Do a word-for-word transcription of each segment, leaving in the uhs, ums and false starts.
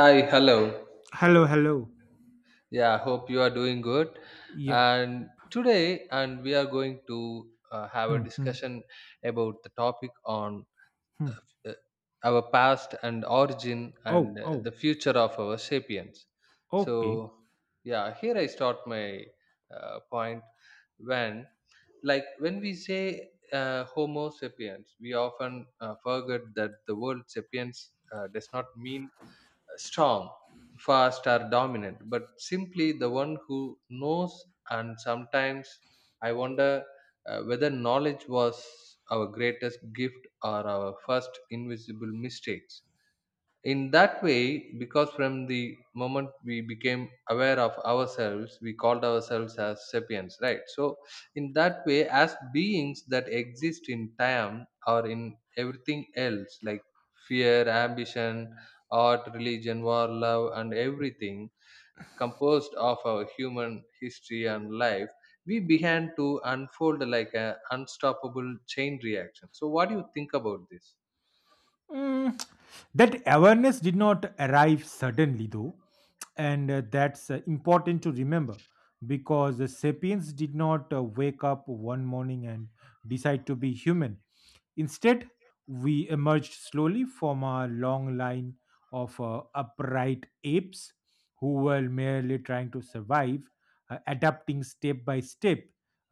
Hi, hello. Hello, hello. Yeah, hope you are doing good. Yeah. And today, and we are going to uh, have a Hmm, hmm, discussion about the topic on hmm. uh, our past and origin Oh, and uh, oh, the future of our sapiens. okay. So, yeah, here I start my uh, point when, like, when we say uh, Homo sapiens, we often uh, forget that the word sapiens uh, does not mean strong, fast, or dominant, but simply the one who knows. And sometimes I wonder uh, whether knowledge was our greatest gift or our first invisible mistakes, in that way, because from the moment we became aware of ourselves, we called ourselves as sapiens, right? So in that way, as beings that exist in time or in everything else, like fear, ambition, art, religion, war, love, and everything composed of our human history and life, we began to unfold like an unstoppable chain reaction. So what do you think about this? Mm, that awareness did not arrive suddenly, though, and uh, that's uh, important to remember because the sapiens did not uh, wake up one morning and decide to be human. Instead, we emerged slowly from a long line of uh, upright apes who were merely trying to survive, uh, adapting step by step,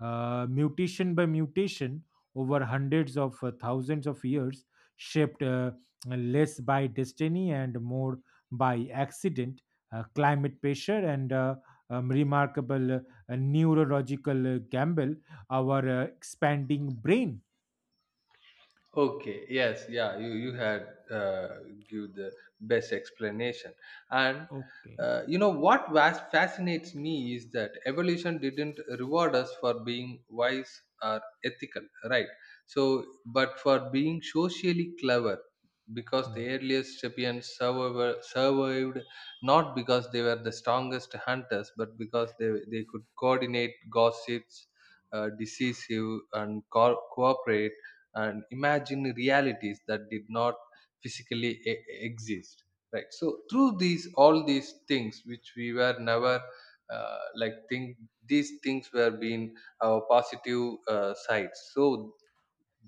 uh, mutation by mutation, over hundreds of uh, thousands of years, shaped uh, less by destiny and more by accident, uh, climate pressure, and uh, um, remarkable uh, neurological uh, gamble, our uh, expanding brain. Okay, yes, yeah, you, you had uh, give the best explanation. And Okay. uh, you know what was fascinates me is that evolution didn't reward us for being wise or ethical, right? So, but for being socially clever, because the Mm. earliest sapiens survivor, survived not because they were the strongest hunters, but because they, they could coordinate gossips, uh, decisive, and co- cooperate and imagine realities that did not physically e- exist, right? So through these, all these things which we were never uh, like think these things were being our positive uh, sides. So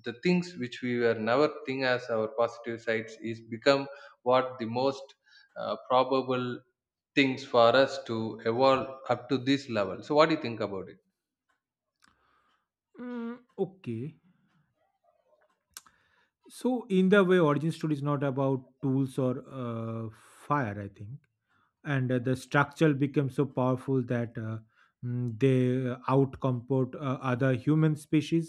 the things which we were never think as our positive sides is become what the most uh, probable things for us to evolve up to this level. So what do you think about it? Mm, okay. So, in the way, origin story is not about tools or uh, fire, I think. And uh, the structure becomes so powerful that uh, mm, they uh, outcompete uh, other human species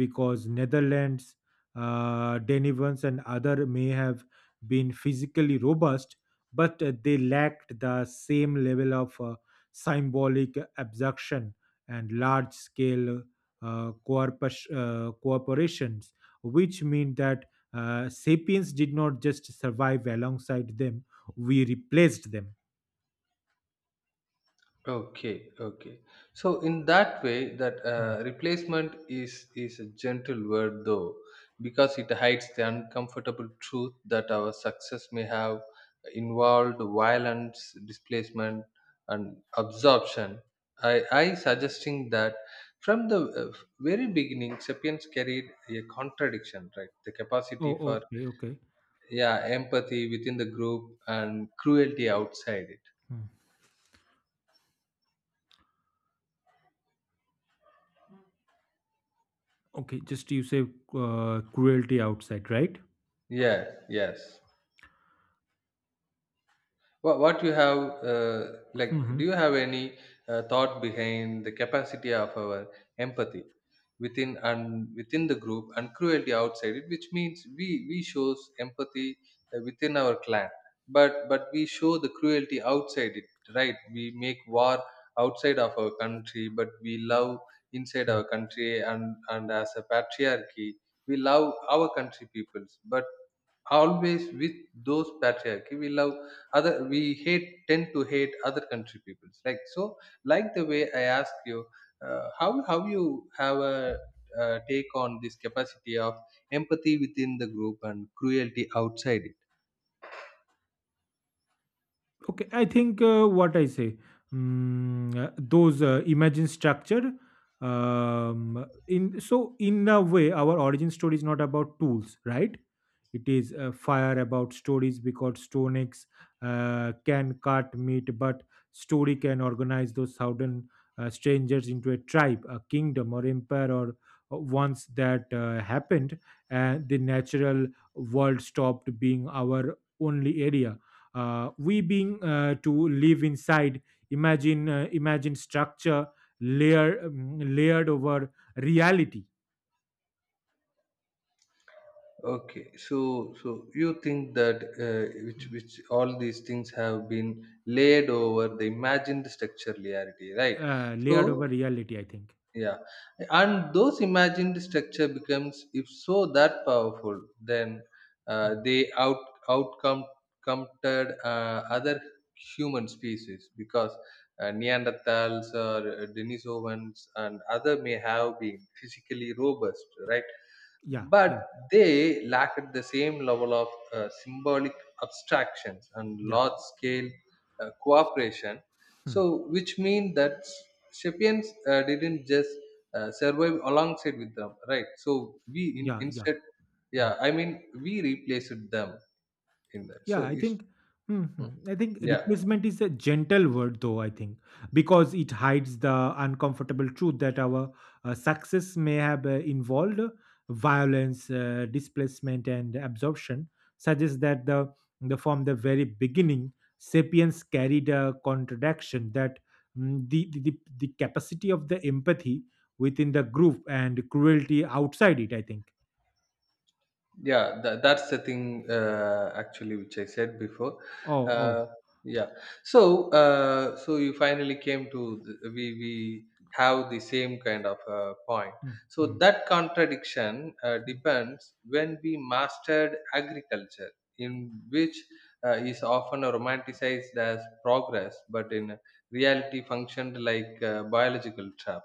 because Netherlands, uh, Denivans, and other may have been physically robust, but uh, they lacked the same level of uh, symbolic abstraction and large-scale uh, corpus- uh, cooperations, which mean that uh, sapiens did not just survive alongside them; we replaced them. Okay, okay. So in that way, that Mm. uh, replacement is is a gentle word though, because it hides the uncomfortable truth that our success may have involved violence, displacement, and absorption. I I suggesting that from the uh, very beginning, sapiens carried a contradiction, right? The capacity Oh, for, okay, okay. yeah, empathy within the group and cruelty outside it. Mm. Okay, just you say uh, cruelty outside, right? Yeah. Yes. What, what you have uh, like? Mm-hmm. Do you have any uh, thought behind the capacity of our empathy within and within the group and cruelty outside it? Which means we we shows empathy uh, within our clan, but but we show the cruelty outside it, right? We make war outside of our country, but we love inside our country, and and as a patriarchy, we love our country peoples, but always with those patriarchy we love other, we hate, tend to hate other country peoples like. So like the way I ask you, uh, how how you have a uh, take on this capacity of empathy within the group and cruelty outside it? Okay, I think uh, what I say, mm, uh, those uh, imagine structure. Um, in so in a way, our origin story is not about tools, right? It is uh, fire about stories because stone axe uh, can cut meat, but story can organize those southern uh, strangers into a tribe, a kingdom, or empire, or uh, once that uh, happened, and the natural world stopped being our only area, uh, we being uh, to live inside imagine uh, imagine structure, layer um, layered over reality. Okay, so so you think that uh, which Mm, which all these things have been laid over the imagined structure reality, right? Uh, so Layered over reality, I think. yeah, and those imagined structure becomes, if so, that powerful, then uh, Mm. they out outcome counted uh, other human species, because uh, Neanderthals or uh, Denisovans and other may have been physically robust, right? Yeah, yeah. But they lacked the same level of uh, symbolic abstractions and Yeah. large scale uh, cooperation. Hmm. So which means that sapiens uh, didn't just uh, survive alongside with them, right? So we in, Yeah, yeah. instead, Hmm. yeah, I mean, we replaced them in that. So Yeah, I it's, think. mm, Mhm. I think yeah, replacement is a gentle word, though. I think because it hides the uncomfortable truth that our uh, success may have uh, involved violence, uh, displacement, and absorption. Suggests that the the from the very beginning, sapiens carried a contradiction, that mm, the, the the the capacity of the empathy within the group and cruelty outside it. I think. yeah, that, that's the thing uh, actually which I said before, Oh, oh. uh, yeah. So uh, so you finally came to the, we we have the same kind of uh, point. So Mhm. that contradiction uh, depends when we mastered agriculture, in which uh, is often romanticized as progress but in reality functioned like a biological trap,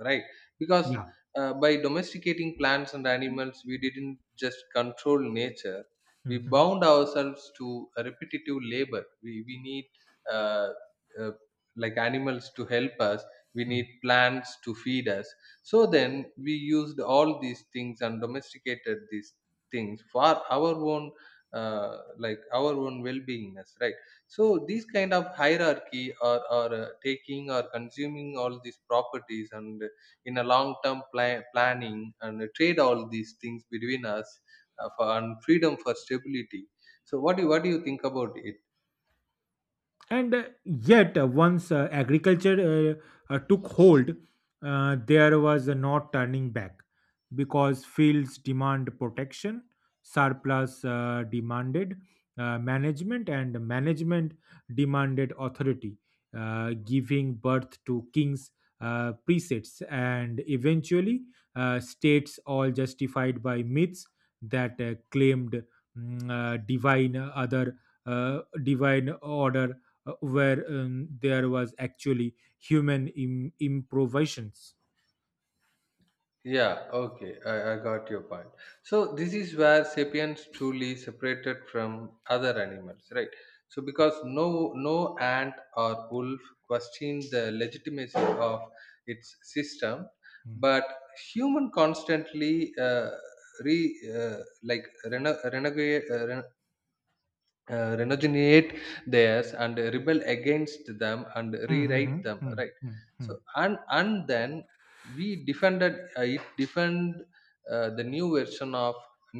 right? Because Yeah. uh, by domesticating plants and animals, we didn't just control nature, we bound ourselves to a repetitive labor. We, we need uh, uh, like animals to help us, we Mhm. need plants to feed us. So then we used all these things and domesticated these things for our own. Uh, like our own well-beingness, right? So these kind of hierarchy or, or uh, taking or consuming all these properties and in a long term pla- planning and trade all these things between us uh, for and freedom for stability. So what do you, what do you think about it? And uh, yet uh, once uh, agriculture uh, uh, took hold, uh, there was uh, no turning back, because fields demand protection, surplus uh, demanded uh, management, and management demanded authority, uh, giving birth to kings, uh, precepts, and eventually uh, states, all justified by myths that uh, claimed mm, uh, divine uh, other uh, divine order, uh, where um, there was actually human Im- improvisations. Yeah, okay, I, I got your point. So this is where sapiens truly separated from other animals, right? So because no no ant or wolf questioned the legitimacy of its system, Mm. but human constantly uh, re uh, like rene- renegade, uh, ren uh, renegotiate theirs and rebel against them and rewrite them, Mm-hmm. right? So and and then we defended uh, it defend uh, the new version of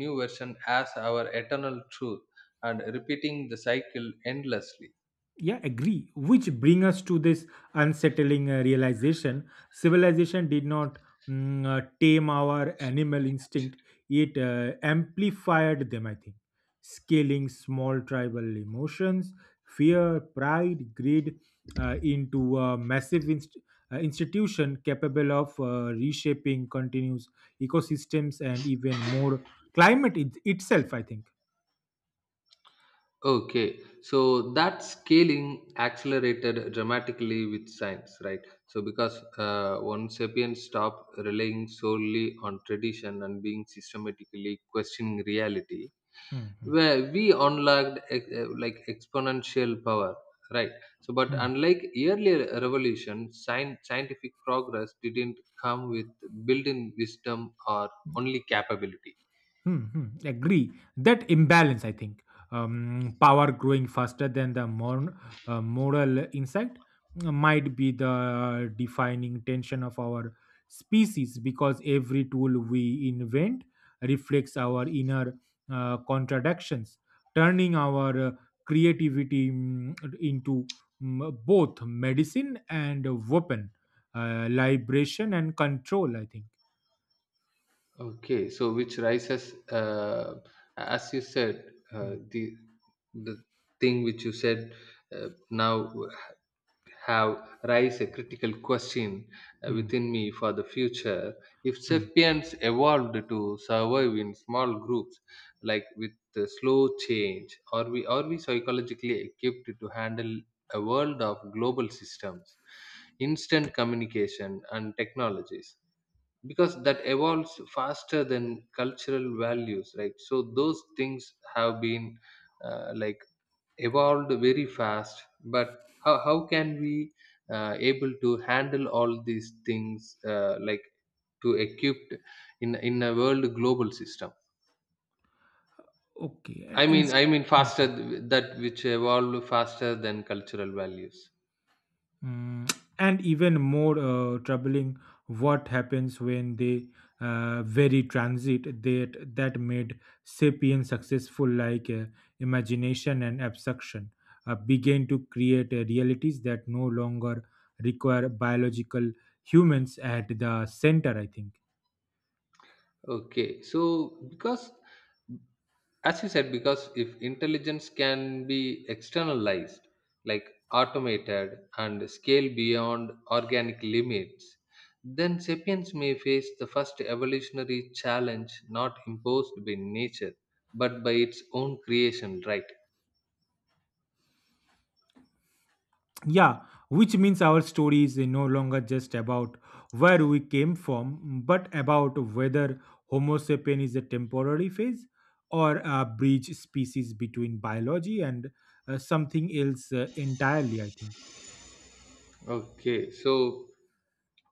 new version as our eternal truth and repeating the cycle endlessly. Yeah, agree, which bring us to this unsettling uh, realization. Civilization did not mm, uh, tame our animal instinct, it uh, amplified them, I think, scaling small tribal emotions, fear, pride, greed, uh, into a massive inst- uh, institution capable of uh, reshaping continuous ecosystems and even more climate it- itself, I think. Okay, so that scaling accelerated dramatically with science, right? So, because uh, once sapiens stopped relying solely on tradition and being systematically questioning reality, Hmm, hmm, where we unlocked ex- uh, like exponential power, right? So but hmm. unlike earlier revolution, scien- scientific progress didn't come with built-in wisdom or only capability. Mm-hmm. Agree. That imbalance, I think, um, power growing faster than the mor- uh, moral insight uh, might be the defining tension of our species, because every tool we invent reflects our inner uh, contradictions, turning our uh, creativity mm, into mm, both medicine and weapon, uh, liberation and control, I think. Okay, so which rises uh, as you said, uh, Mm, the the thing which you said uh, now have raised a critical question uh, mm, within me for the future. If mm. sapiens evolved to survive in small groups, like with the slow change, are we are we psychologically equipped to handle a world of global systems, instant communication, and technologies? Because that evolves faster than cultural values, right? So those things have been uh, like evolved very fast, but how, how can we uh, able to handle all these things, uh, like, to equipped in in a world global system. Okay, and i mean ins- i mean Mm, faster th- that which evolved faster than cultural values. mm. And even more uh, troubling, what happens when they uh, vary transit that that made sapiens successful, like uh, imagination and abstraction, uh, begin to create uh, realities that no longer require biological humans at the center. I think. Okay, so because as you said, because if intelligence can be externalized, like automated and scale beyond organic limits, then sapiens may face the first evolutionary challenge not imposed by nature but by its own creation, right? Yeah, which means our story is no longer just about where we came from, but about whether Homo sapien is a temporary phase or a bridge species between biology and uh, something else uh, entirely, I think. Okay, so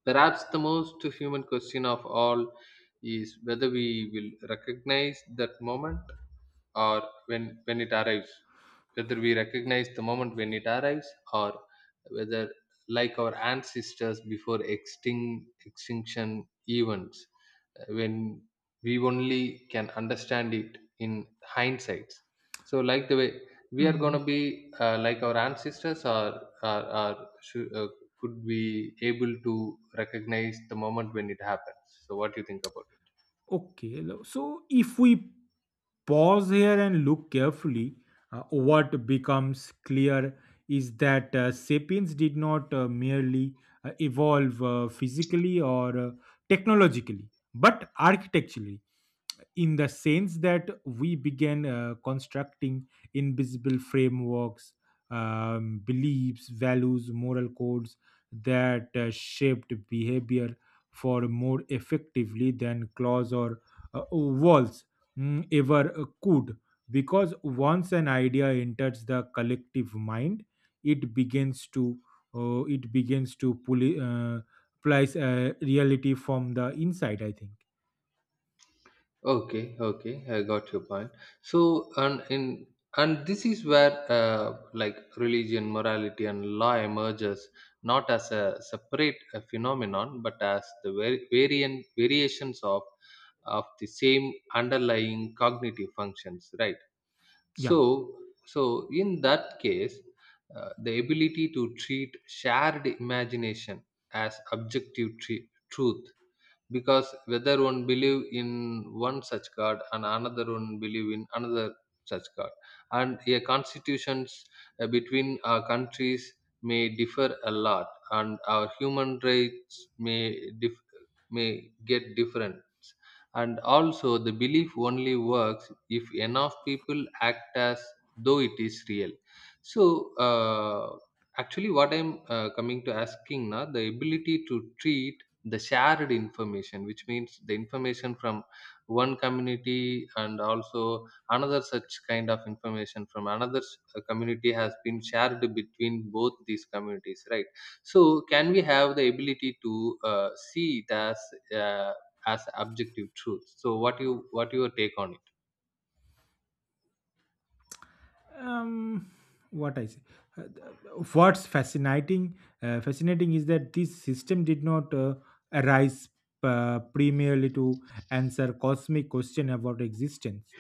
perhaps the most human question of all is whether we will recognize that moment, or when, when it arrives. Whether we recognize the moment when it arrives, or whether, like our ancestors before extinct, extinction events, uh, when we only can understand it in hindsight. So, like the way we are going to be uh, like our ancestors, or, or, or should, uh, could be able to recognize the moment when it happens. So what do you think about it? Okay, lo- so if we pause here and look carefully, uh, what becomes clear is that uh, sapiens did not uh, merely uh, evolve uh, physically or uh, technologically, but architecturally, in the sense that we began uh, constructing invisible frameworks, um, beliefs, values, moral codes that uh, shaped behavior for more effectively than claws or uh, walls mm, ever uh, could. Because once an idea enters the collective mind, it begins to, uh, it begins to pull, uh, place uh, reality from the inside. I think. Okay, okay, I got your point. So, and in, and this is where uh, like religion, morality, and law emerges not as a separate uh, phenomenon, but as the var- variant variations of of the same underlying cognitive functions, right? Yeah. So, so in that case, uh, the ability to treat shared imagination as objective tr- truth, because whether one believe in one such god and another one believe in another such god, and a constitutions uh, between our countries may differ a lot, and our human rights may dif- may get different, and also the belief only works if enough people act as though it is real. So uh, actually what i'm uh, coming to asking now, the ability to treat the shared information, which means the information from one community and also another such kind of information from another s- uh, community has been shared between both these communities, right? So can we have the ability to uh, see it as uh, as objective truth? So what you, what your take on it? um what I say. Uh, th- what's fascinating uh, fascinating is that this system did not uh, arise uh, primarily to answer cosmic question about existence,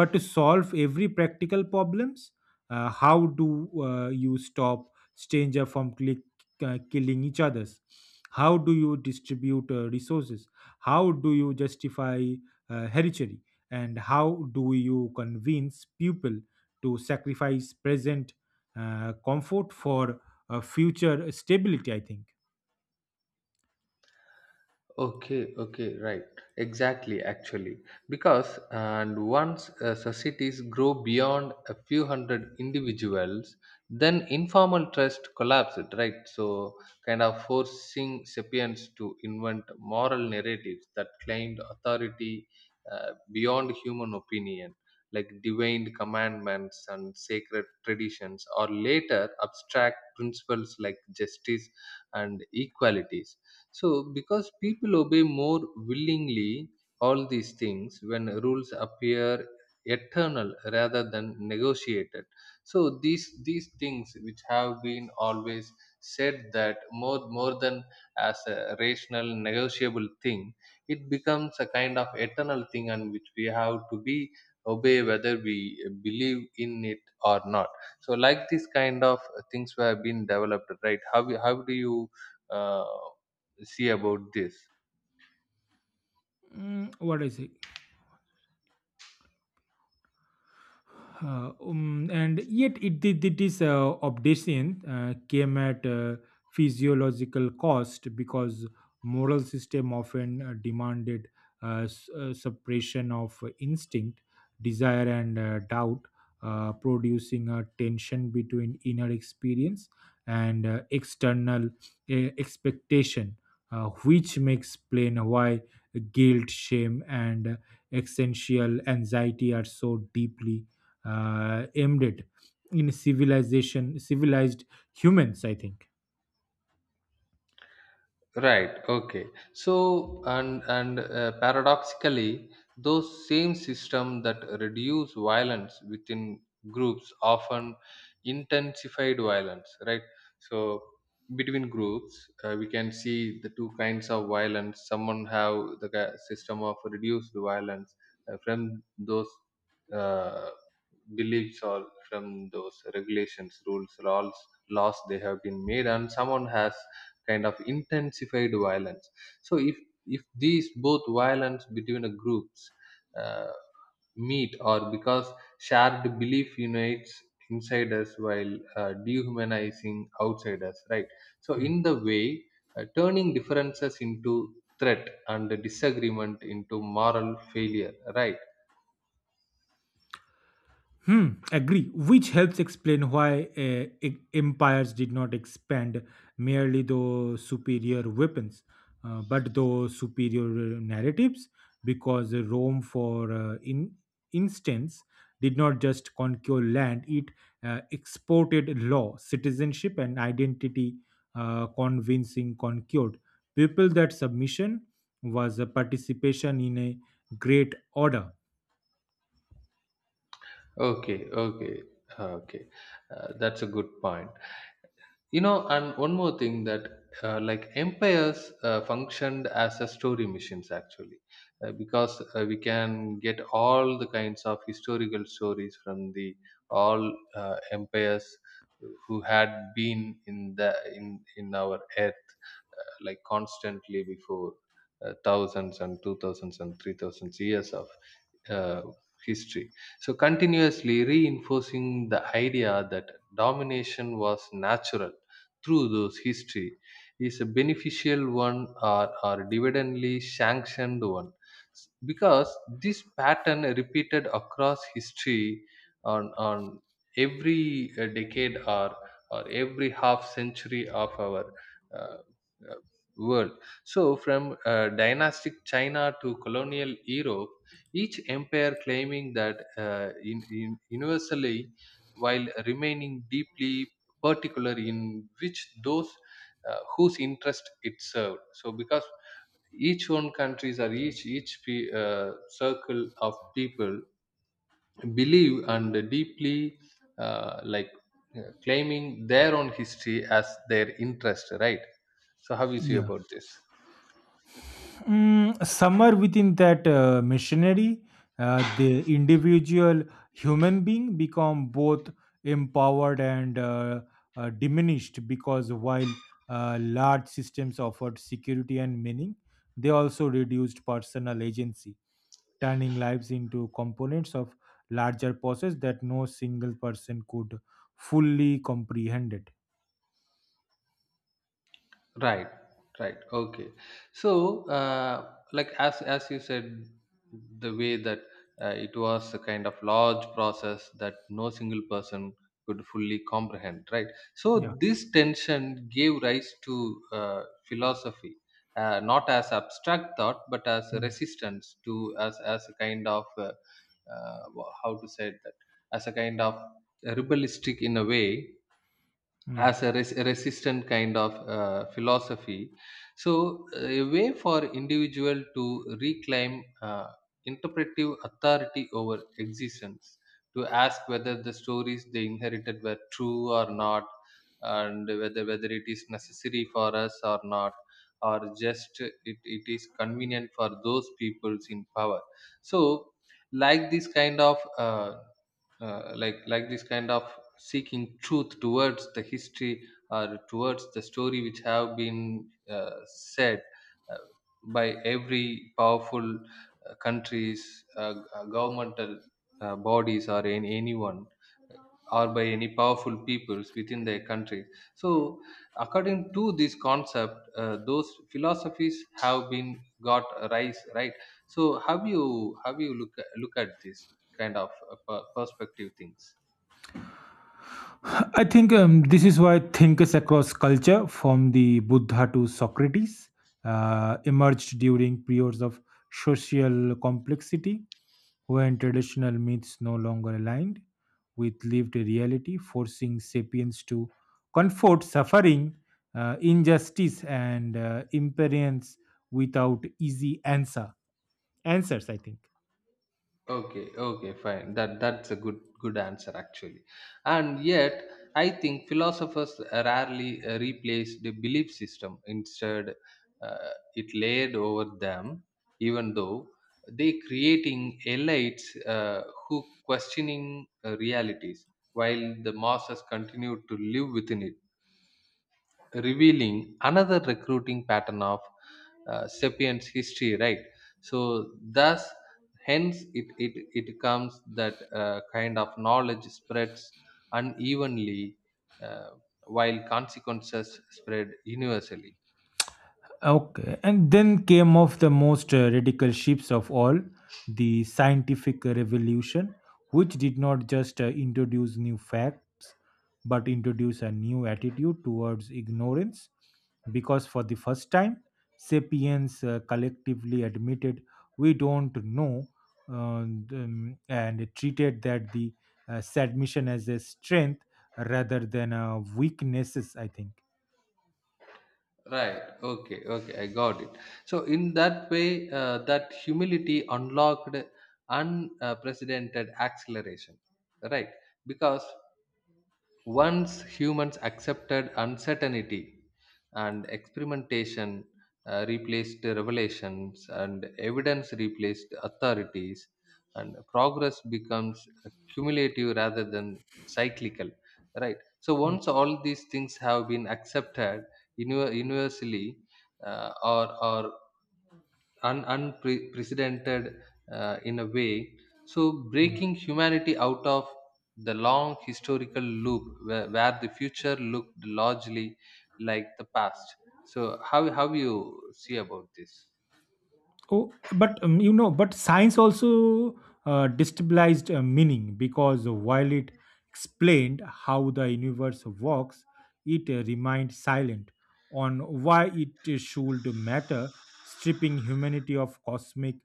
but to solve every practical problems. Uh, how do uh, you stop stranger from click, uh, killing each others? How do you distribute uh, resources? How do you justify uh, hereditary? And how do you convince people to sacrifice present uh, comfort for uh, future stability? I think. Okay, okay, right. Exactly, actually. Because, and once uh, societies grow beyond a few hundred individuals, then informal trust collapses, right? So, kind of forcing sapiens to invent moral narratives that claimed authority uh, beyond human opinion, like divine commandments and sacred traditions, or later abstract principles like justice and equalities. So, because people obey more willingly all these things when rules appear eternal rather than negotiated. So these these things which have been always said that more more than as a rational negotiable thing, it becomes a kind of eternal thing, and which we have to be obey whether we believe in it or not. So like this kind of things were been developed, right? How how do you uh, see about this? Mm, what is it. Uh, um, and yet it did it is uh, obsession uh, came at uh, physiological cost, because moral system often uh, demanded uh, s- uh, suppression of instinct, desire, and uh, doubt, uh, producing a tension between inner experience and uh, external uh, expectation, uh, which makes plain why guilt, shame, and uh, existential anxiety are so deeply uh, aimed it in civilization civilized humans, I think. Right. Okay. So, and and uh, paradoxically, those same system that reduce violence within groups often intensified violence, right? So, between groups, uh, we can see the two kinds of violence. Someone have the ki- system of reduced violence uh, from those uh, beliefs or from those regulations, rules, laws laws they have been made, and someone has kind of intensified violence. So if if these both violence between the groups uh, meet, or because shared belief unites insiders while uh, dehumanizing outsiders, right? So, Hmm. in the way, uh, turning differences into threat and disagreement into moral failure, right? Hmm, agree. Which helps explain why uh, e- empires did not expand merely those superior weapons, uh, but those superior uh, narratives. Because uh, Rome, for uh, in instance, did not just conquer land; it uh, exported law, citizenship, and identity, uh, convincing conquered people that submission was a participation in a great order. Okay, okay, okay. Uh, that's a good point. You know, and one more thing that uh, like empires uh, functioned as a story machines, actually. Uh, because uh, we can get all the kinds of historical stories from the all uh, empires who had been in the in in our earth, uh, like constantly before uh, thousands and two thousands and three thousands years of uh, history. So continuously reinforcing the idea that domination was natural through those history is a beneficial one, or, or dividendly sanctioned one. S- because this pattern repeated across history on on every uh, decade or or every half century of our uh, uh, world. So from uh, dynastic China to colonial Europe, each empire claiming that uh, in, in universally, while remaining deeply particular in which those uh, whose interest it served. So because each one countries, or each each pe- uh, circle of people believe and deeply uh, like uh, claiming their own history as their interest, right? So how you see Yeah. about this? Mm, somewhere within that uh, missionary, uh, the individual human being become both empowered and uh, uh, diminished, because while uh, large systems offered security and meaning, they also reduced personal agency, turning lives into components of larger process that no single person could fully comprehend it. Right, right. Okay. So, uh, like as as you said, the way that uh, it was a kind of large process that no single person could fully comprehend, right? Yeah. So this tension gave rise to uh, philosophy, uh, not as abstract thought, but as a Mm, resistance to, as as a kind of uh, uh, wha- how to say that, as a kind of rebellistic, in a way, mm. as a res- resistant kind of uh, philosophy. So uh, a way for individual to reclaim uh, interpretive authority over existence, to ask whether the stories they inherited were true or not, and whether whether it is necessary for us or not, or just it, it is convenient for those peoples in power. So, like this kind of, uh, uh, like like this kind of seeking truth towards the history, or towards the story which have been uh, said uh, by every powerful uh, countries, uh, g- uh, governmental uh, bodies, or in anyone, or by any powerful peoples within their countries. So, according to this concept, uh, those philosophies have been got a rise, right? So, have you have you look look at this kind of uh, per- perspective things? I think um, this is why thinkers across culture, from the Buddha to Socrates, uh, emerged during periods of social complexity when traditional myths no longer aligned with lived reality, forcing sapiens to confront suffering, uh, injustice, and uh, impermanence without easy answer answers. I think. Okay, okay, fine. That that's a good good answer, actually. And yet, I think philosophers rarely uh, replaced the belief system. Instead, uh, it laid over them, even though they creating elites uh, who questioning uh, realities, while the masses continue to live within it, revealing another recruiting pattern of uh, sapiens history, right? So, thus, hence, it it, it comes that uh, kind of knowledge spreads unevenly, uh, while consequences spread universally. Okay, and then came of the most uh, radical shifts of all, the scientific revolution, which did not just uh, introduce new facts but introduce a new attitude towards ignorance, because for the first time sapiens uh, collectively admitted we don't know, uh, um, and treated that the uh, submission as a strength rather than a weaknesses, I think. Right. Okay, okay, I got it. So in that way, uh, that humility unlocked unprecedented acceleration, right? Because once humans accepted uncertainty and experimentation uh, replaced revelations, and evidence replaced authorities, and progress becomes cumulative rather than cyclical, right? So, Hmm. once all these things have been accepted uni- universally, uh, or, or un- unprecedented, uh, in a way. So, Hmm. breaking humanity out of the long historical loop where, where the future looked largely like the past. So, how, how you see about this? Oh, but um, you know, but science also uh, destabilized uh, meaning, because while it explained how the universe works, it uh, remained silent on why it should matter, stripping humanity of cosmic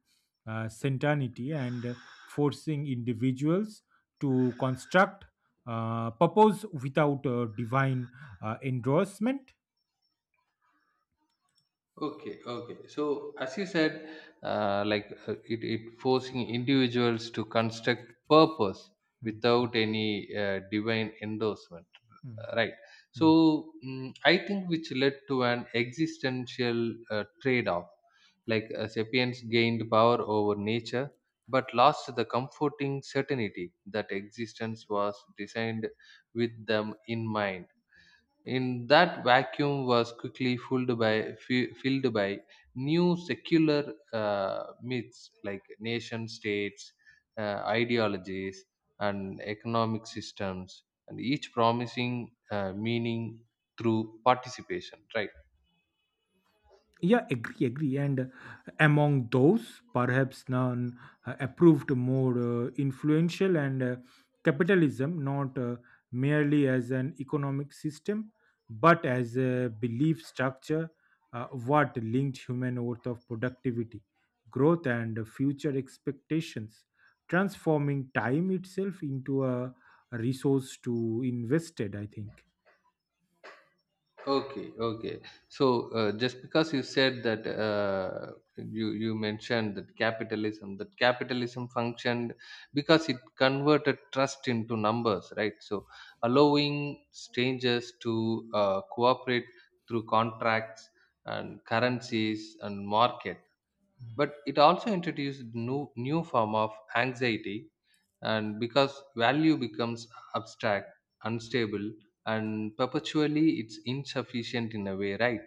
uh, certainty and uh, forcing individuals to construct uh, purpose without uh, divine uh, endorsement. Okay, okay. So as you said, uh, like uh, it, it forcing individuals to construct purpose Hmm, without any uh, divine endorsement, hmm, right? hmm, hmm. So, mm, I think which led to an existential uh, trade-off. Like, uh, sapiens gained power over nature, but lost the comforting certainty that existence was designed with them in mind. In that vacuum was quickly filled by fi- filled by new secular uh, myths like nation states, uh, ideologies, and economic systems, and each promising uh, meaning through participation. Right. Yeah, agree, agree. And uh, among those, perhaps none uh, approved more uh, influential, and uh, capitalism, not uh, merely as an economic system, but as a belief structure, uh, what linked human worth of productivity, growth, and future expectations, transforming time itself into a resource to invested, I think. Okay, okay. So uh, just because you said that uh, you you mentioned that capitalism, that capitalism functioned because it converted trust into numbers, right? So, allowing strangers to uh, cooperate through contracts and currencies and market, but it also introduced new new form of anxiety. And because value becomes abstract, unstable, and perpetually it's insufficient, in a way, right?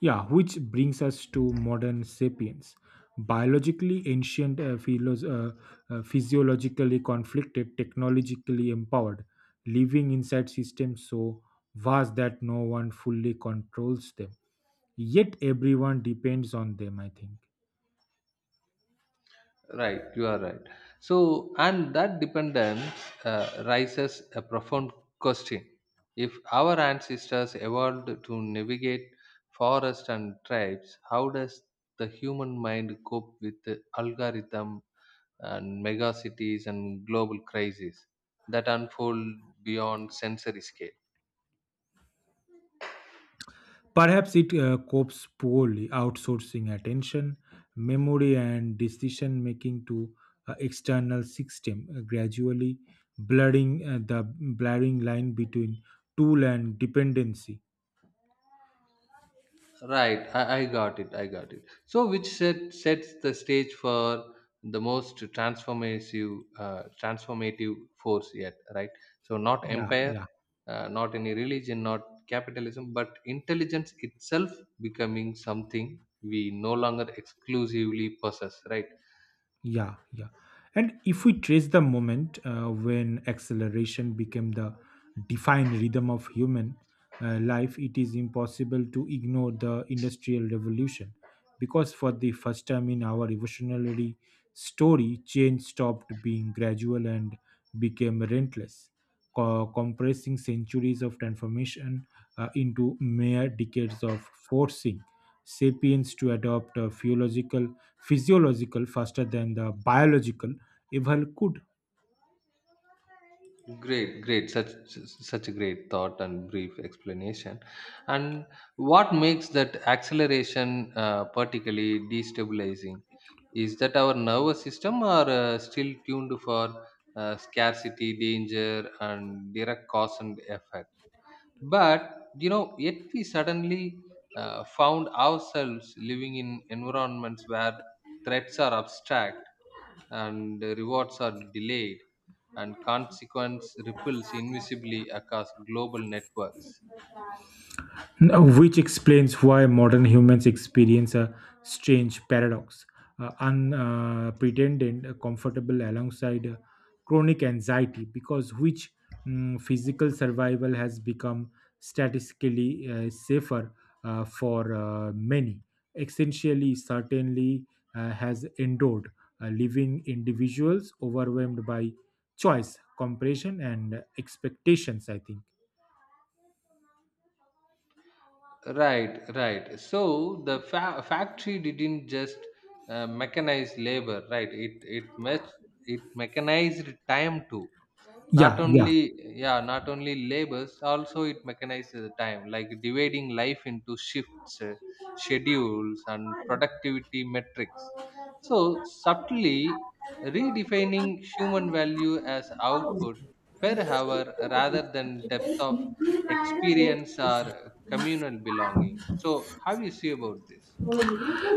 Yeah, which brings us to modern sapiens. Biologically ancient, uh, philos- uh, uh, physiologically conflicted, technologically empowered, living inside systems so vast that no one fully controls them. Yet everyone depends on them, I think. Right, you are right. So, and that dependence uh, raises a profound question. If our ancestors evolved to navigate forests and tribes, how does the human mind cope with the algorithm and megacities and global crises that unfold beyond sensory scale? Perhaps it uh, copes poorly, outsourcing attention, memory, and decision making to uh, external system, uh, gradually blurring uh, the blurring line between tool and dependency. Right, I, I got it. I got it. So, which set sets the stage for the most transformative, uh, transformative force yet? Right. So, not Yeah, empire, yeah. uh, not any religion, not capitalism, but intelligence itself becoming something we no longer exclusively possess. Right. Yeah, yeah. And if we trace the moment uh, when acceleration became the defined rhythm of human uh, life, it is impossible to ignore the Industrial Revolution, because for the first time in our evolutionary story, change stopped being gradual and became relentless, co- compressing centuries of transformation uh, into mere decades of forcing sapiens to adopt a physiological, physiological faster than the biological evil could. Great, great. Such such a great thought and brief explanation. And what makes that acceleration uh, particularly destabilizing? Is that our nervous system are uh, still tuned for uh, scarcity, danger, and direct cause and effect? But you know, yet we suddenly uh, found ourselves living in environments where threats are abstract, and rewards are delayed, and consequence ripples invisibly across global networks. Uh, which explains why modern humans experience a strange paradox, uh, unpretended uh, comfortable alongside uh, chronic anxiety, because which mm, physical survival has become statistically uh, safer uh, for uh, many, essentially certainly uh, has endured uh, living individuals overwhelmed by choice compression and expectations, I think. Right, right. So the fa- factory didn't just uh, mechanize labor, right? It it mech- it mechanized time too. Not Yeah, yeah. only, yeah, not only labors, also it mechanizes the time, like dividing life into shifts, uh, schedules, and productivity metrics. So, subtly redefining human value as output per hour rather than depth of experience or communal belonging. So, how you see about this?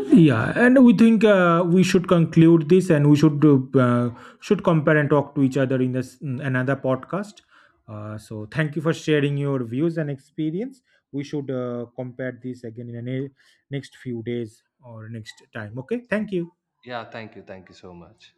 Yeah, and we think uh, we should conclude this, and we should uh, should compare and talk to each other in this in another podcast. Uh, so, thank you for sharing your views and experience. We should uh, compare this again in the ne- next few days or next time. Okay, thank you. Yeah, thank you. Thank you so much.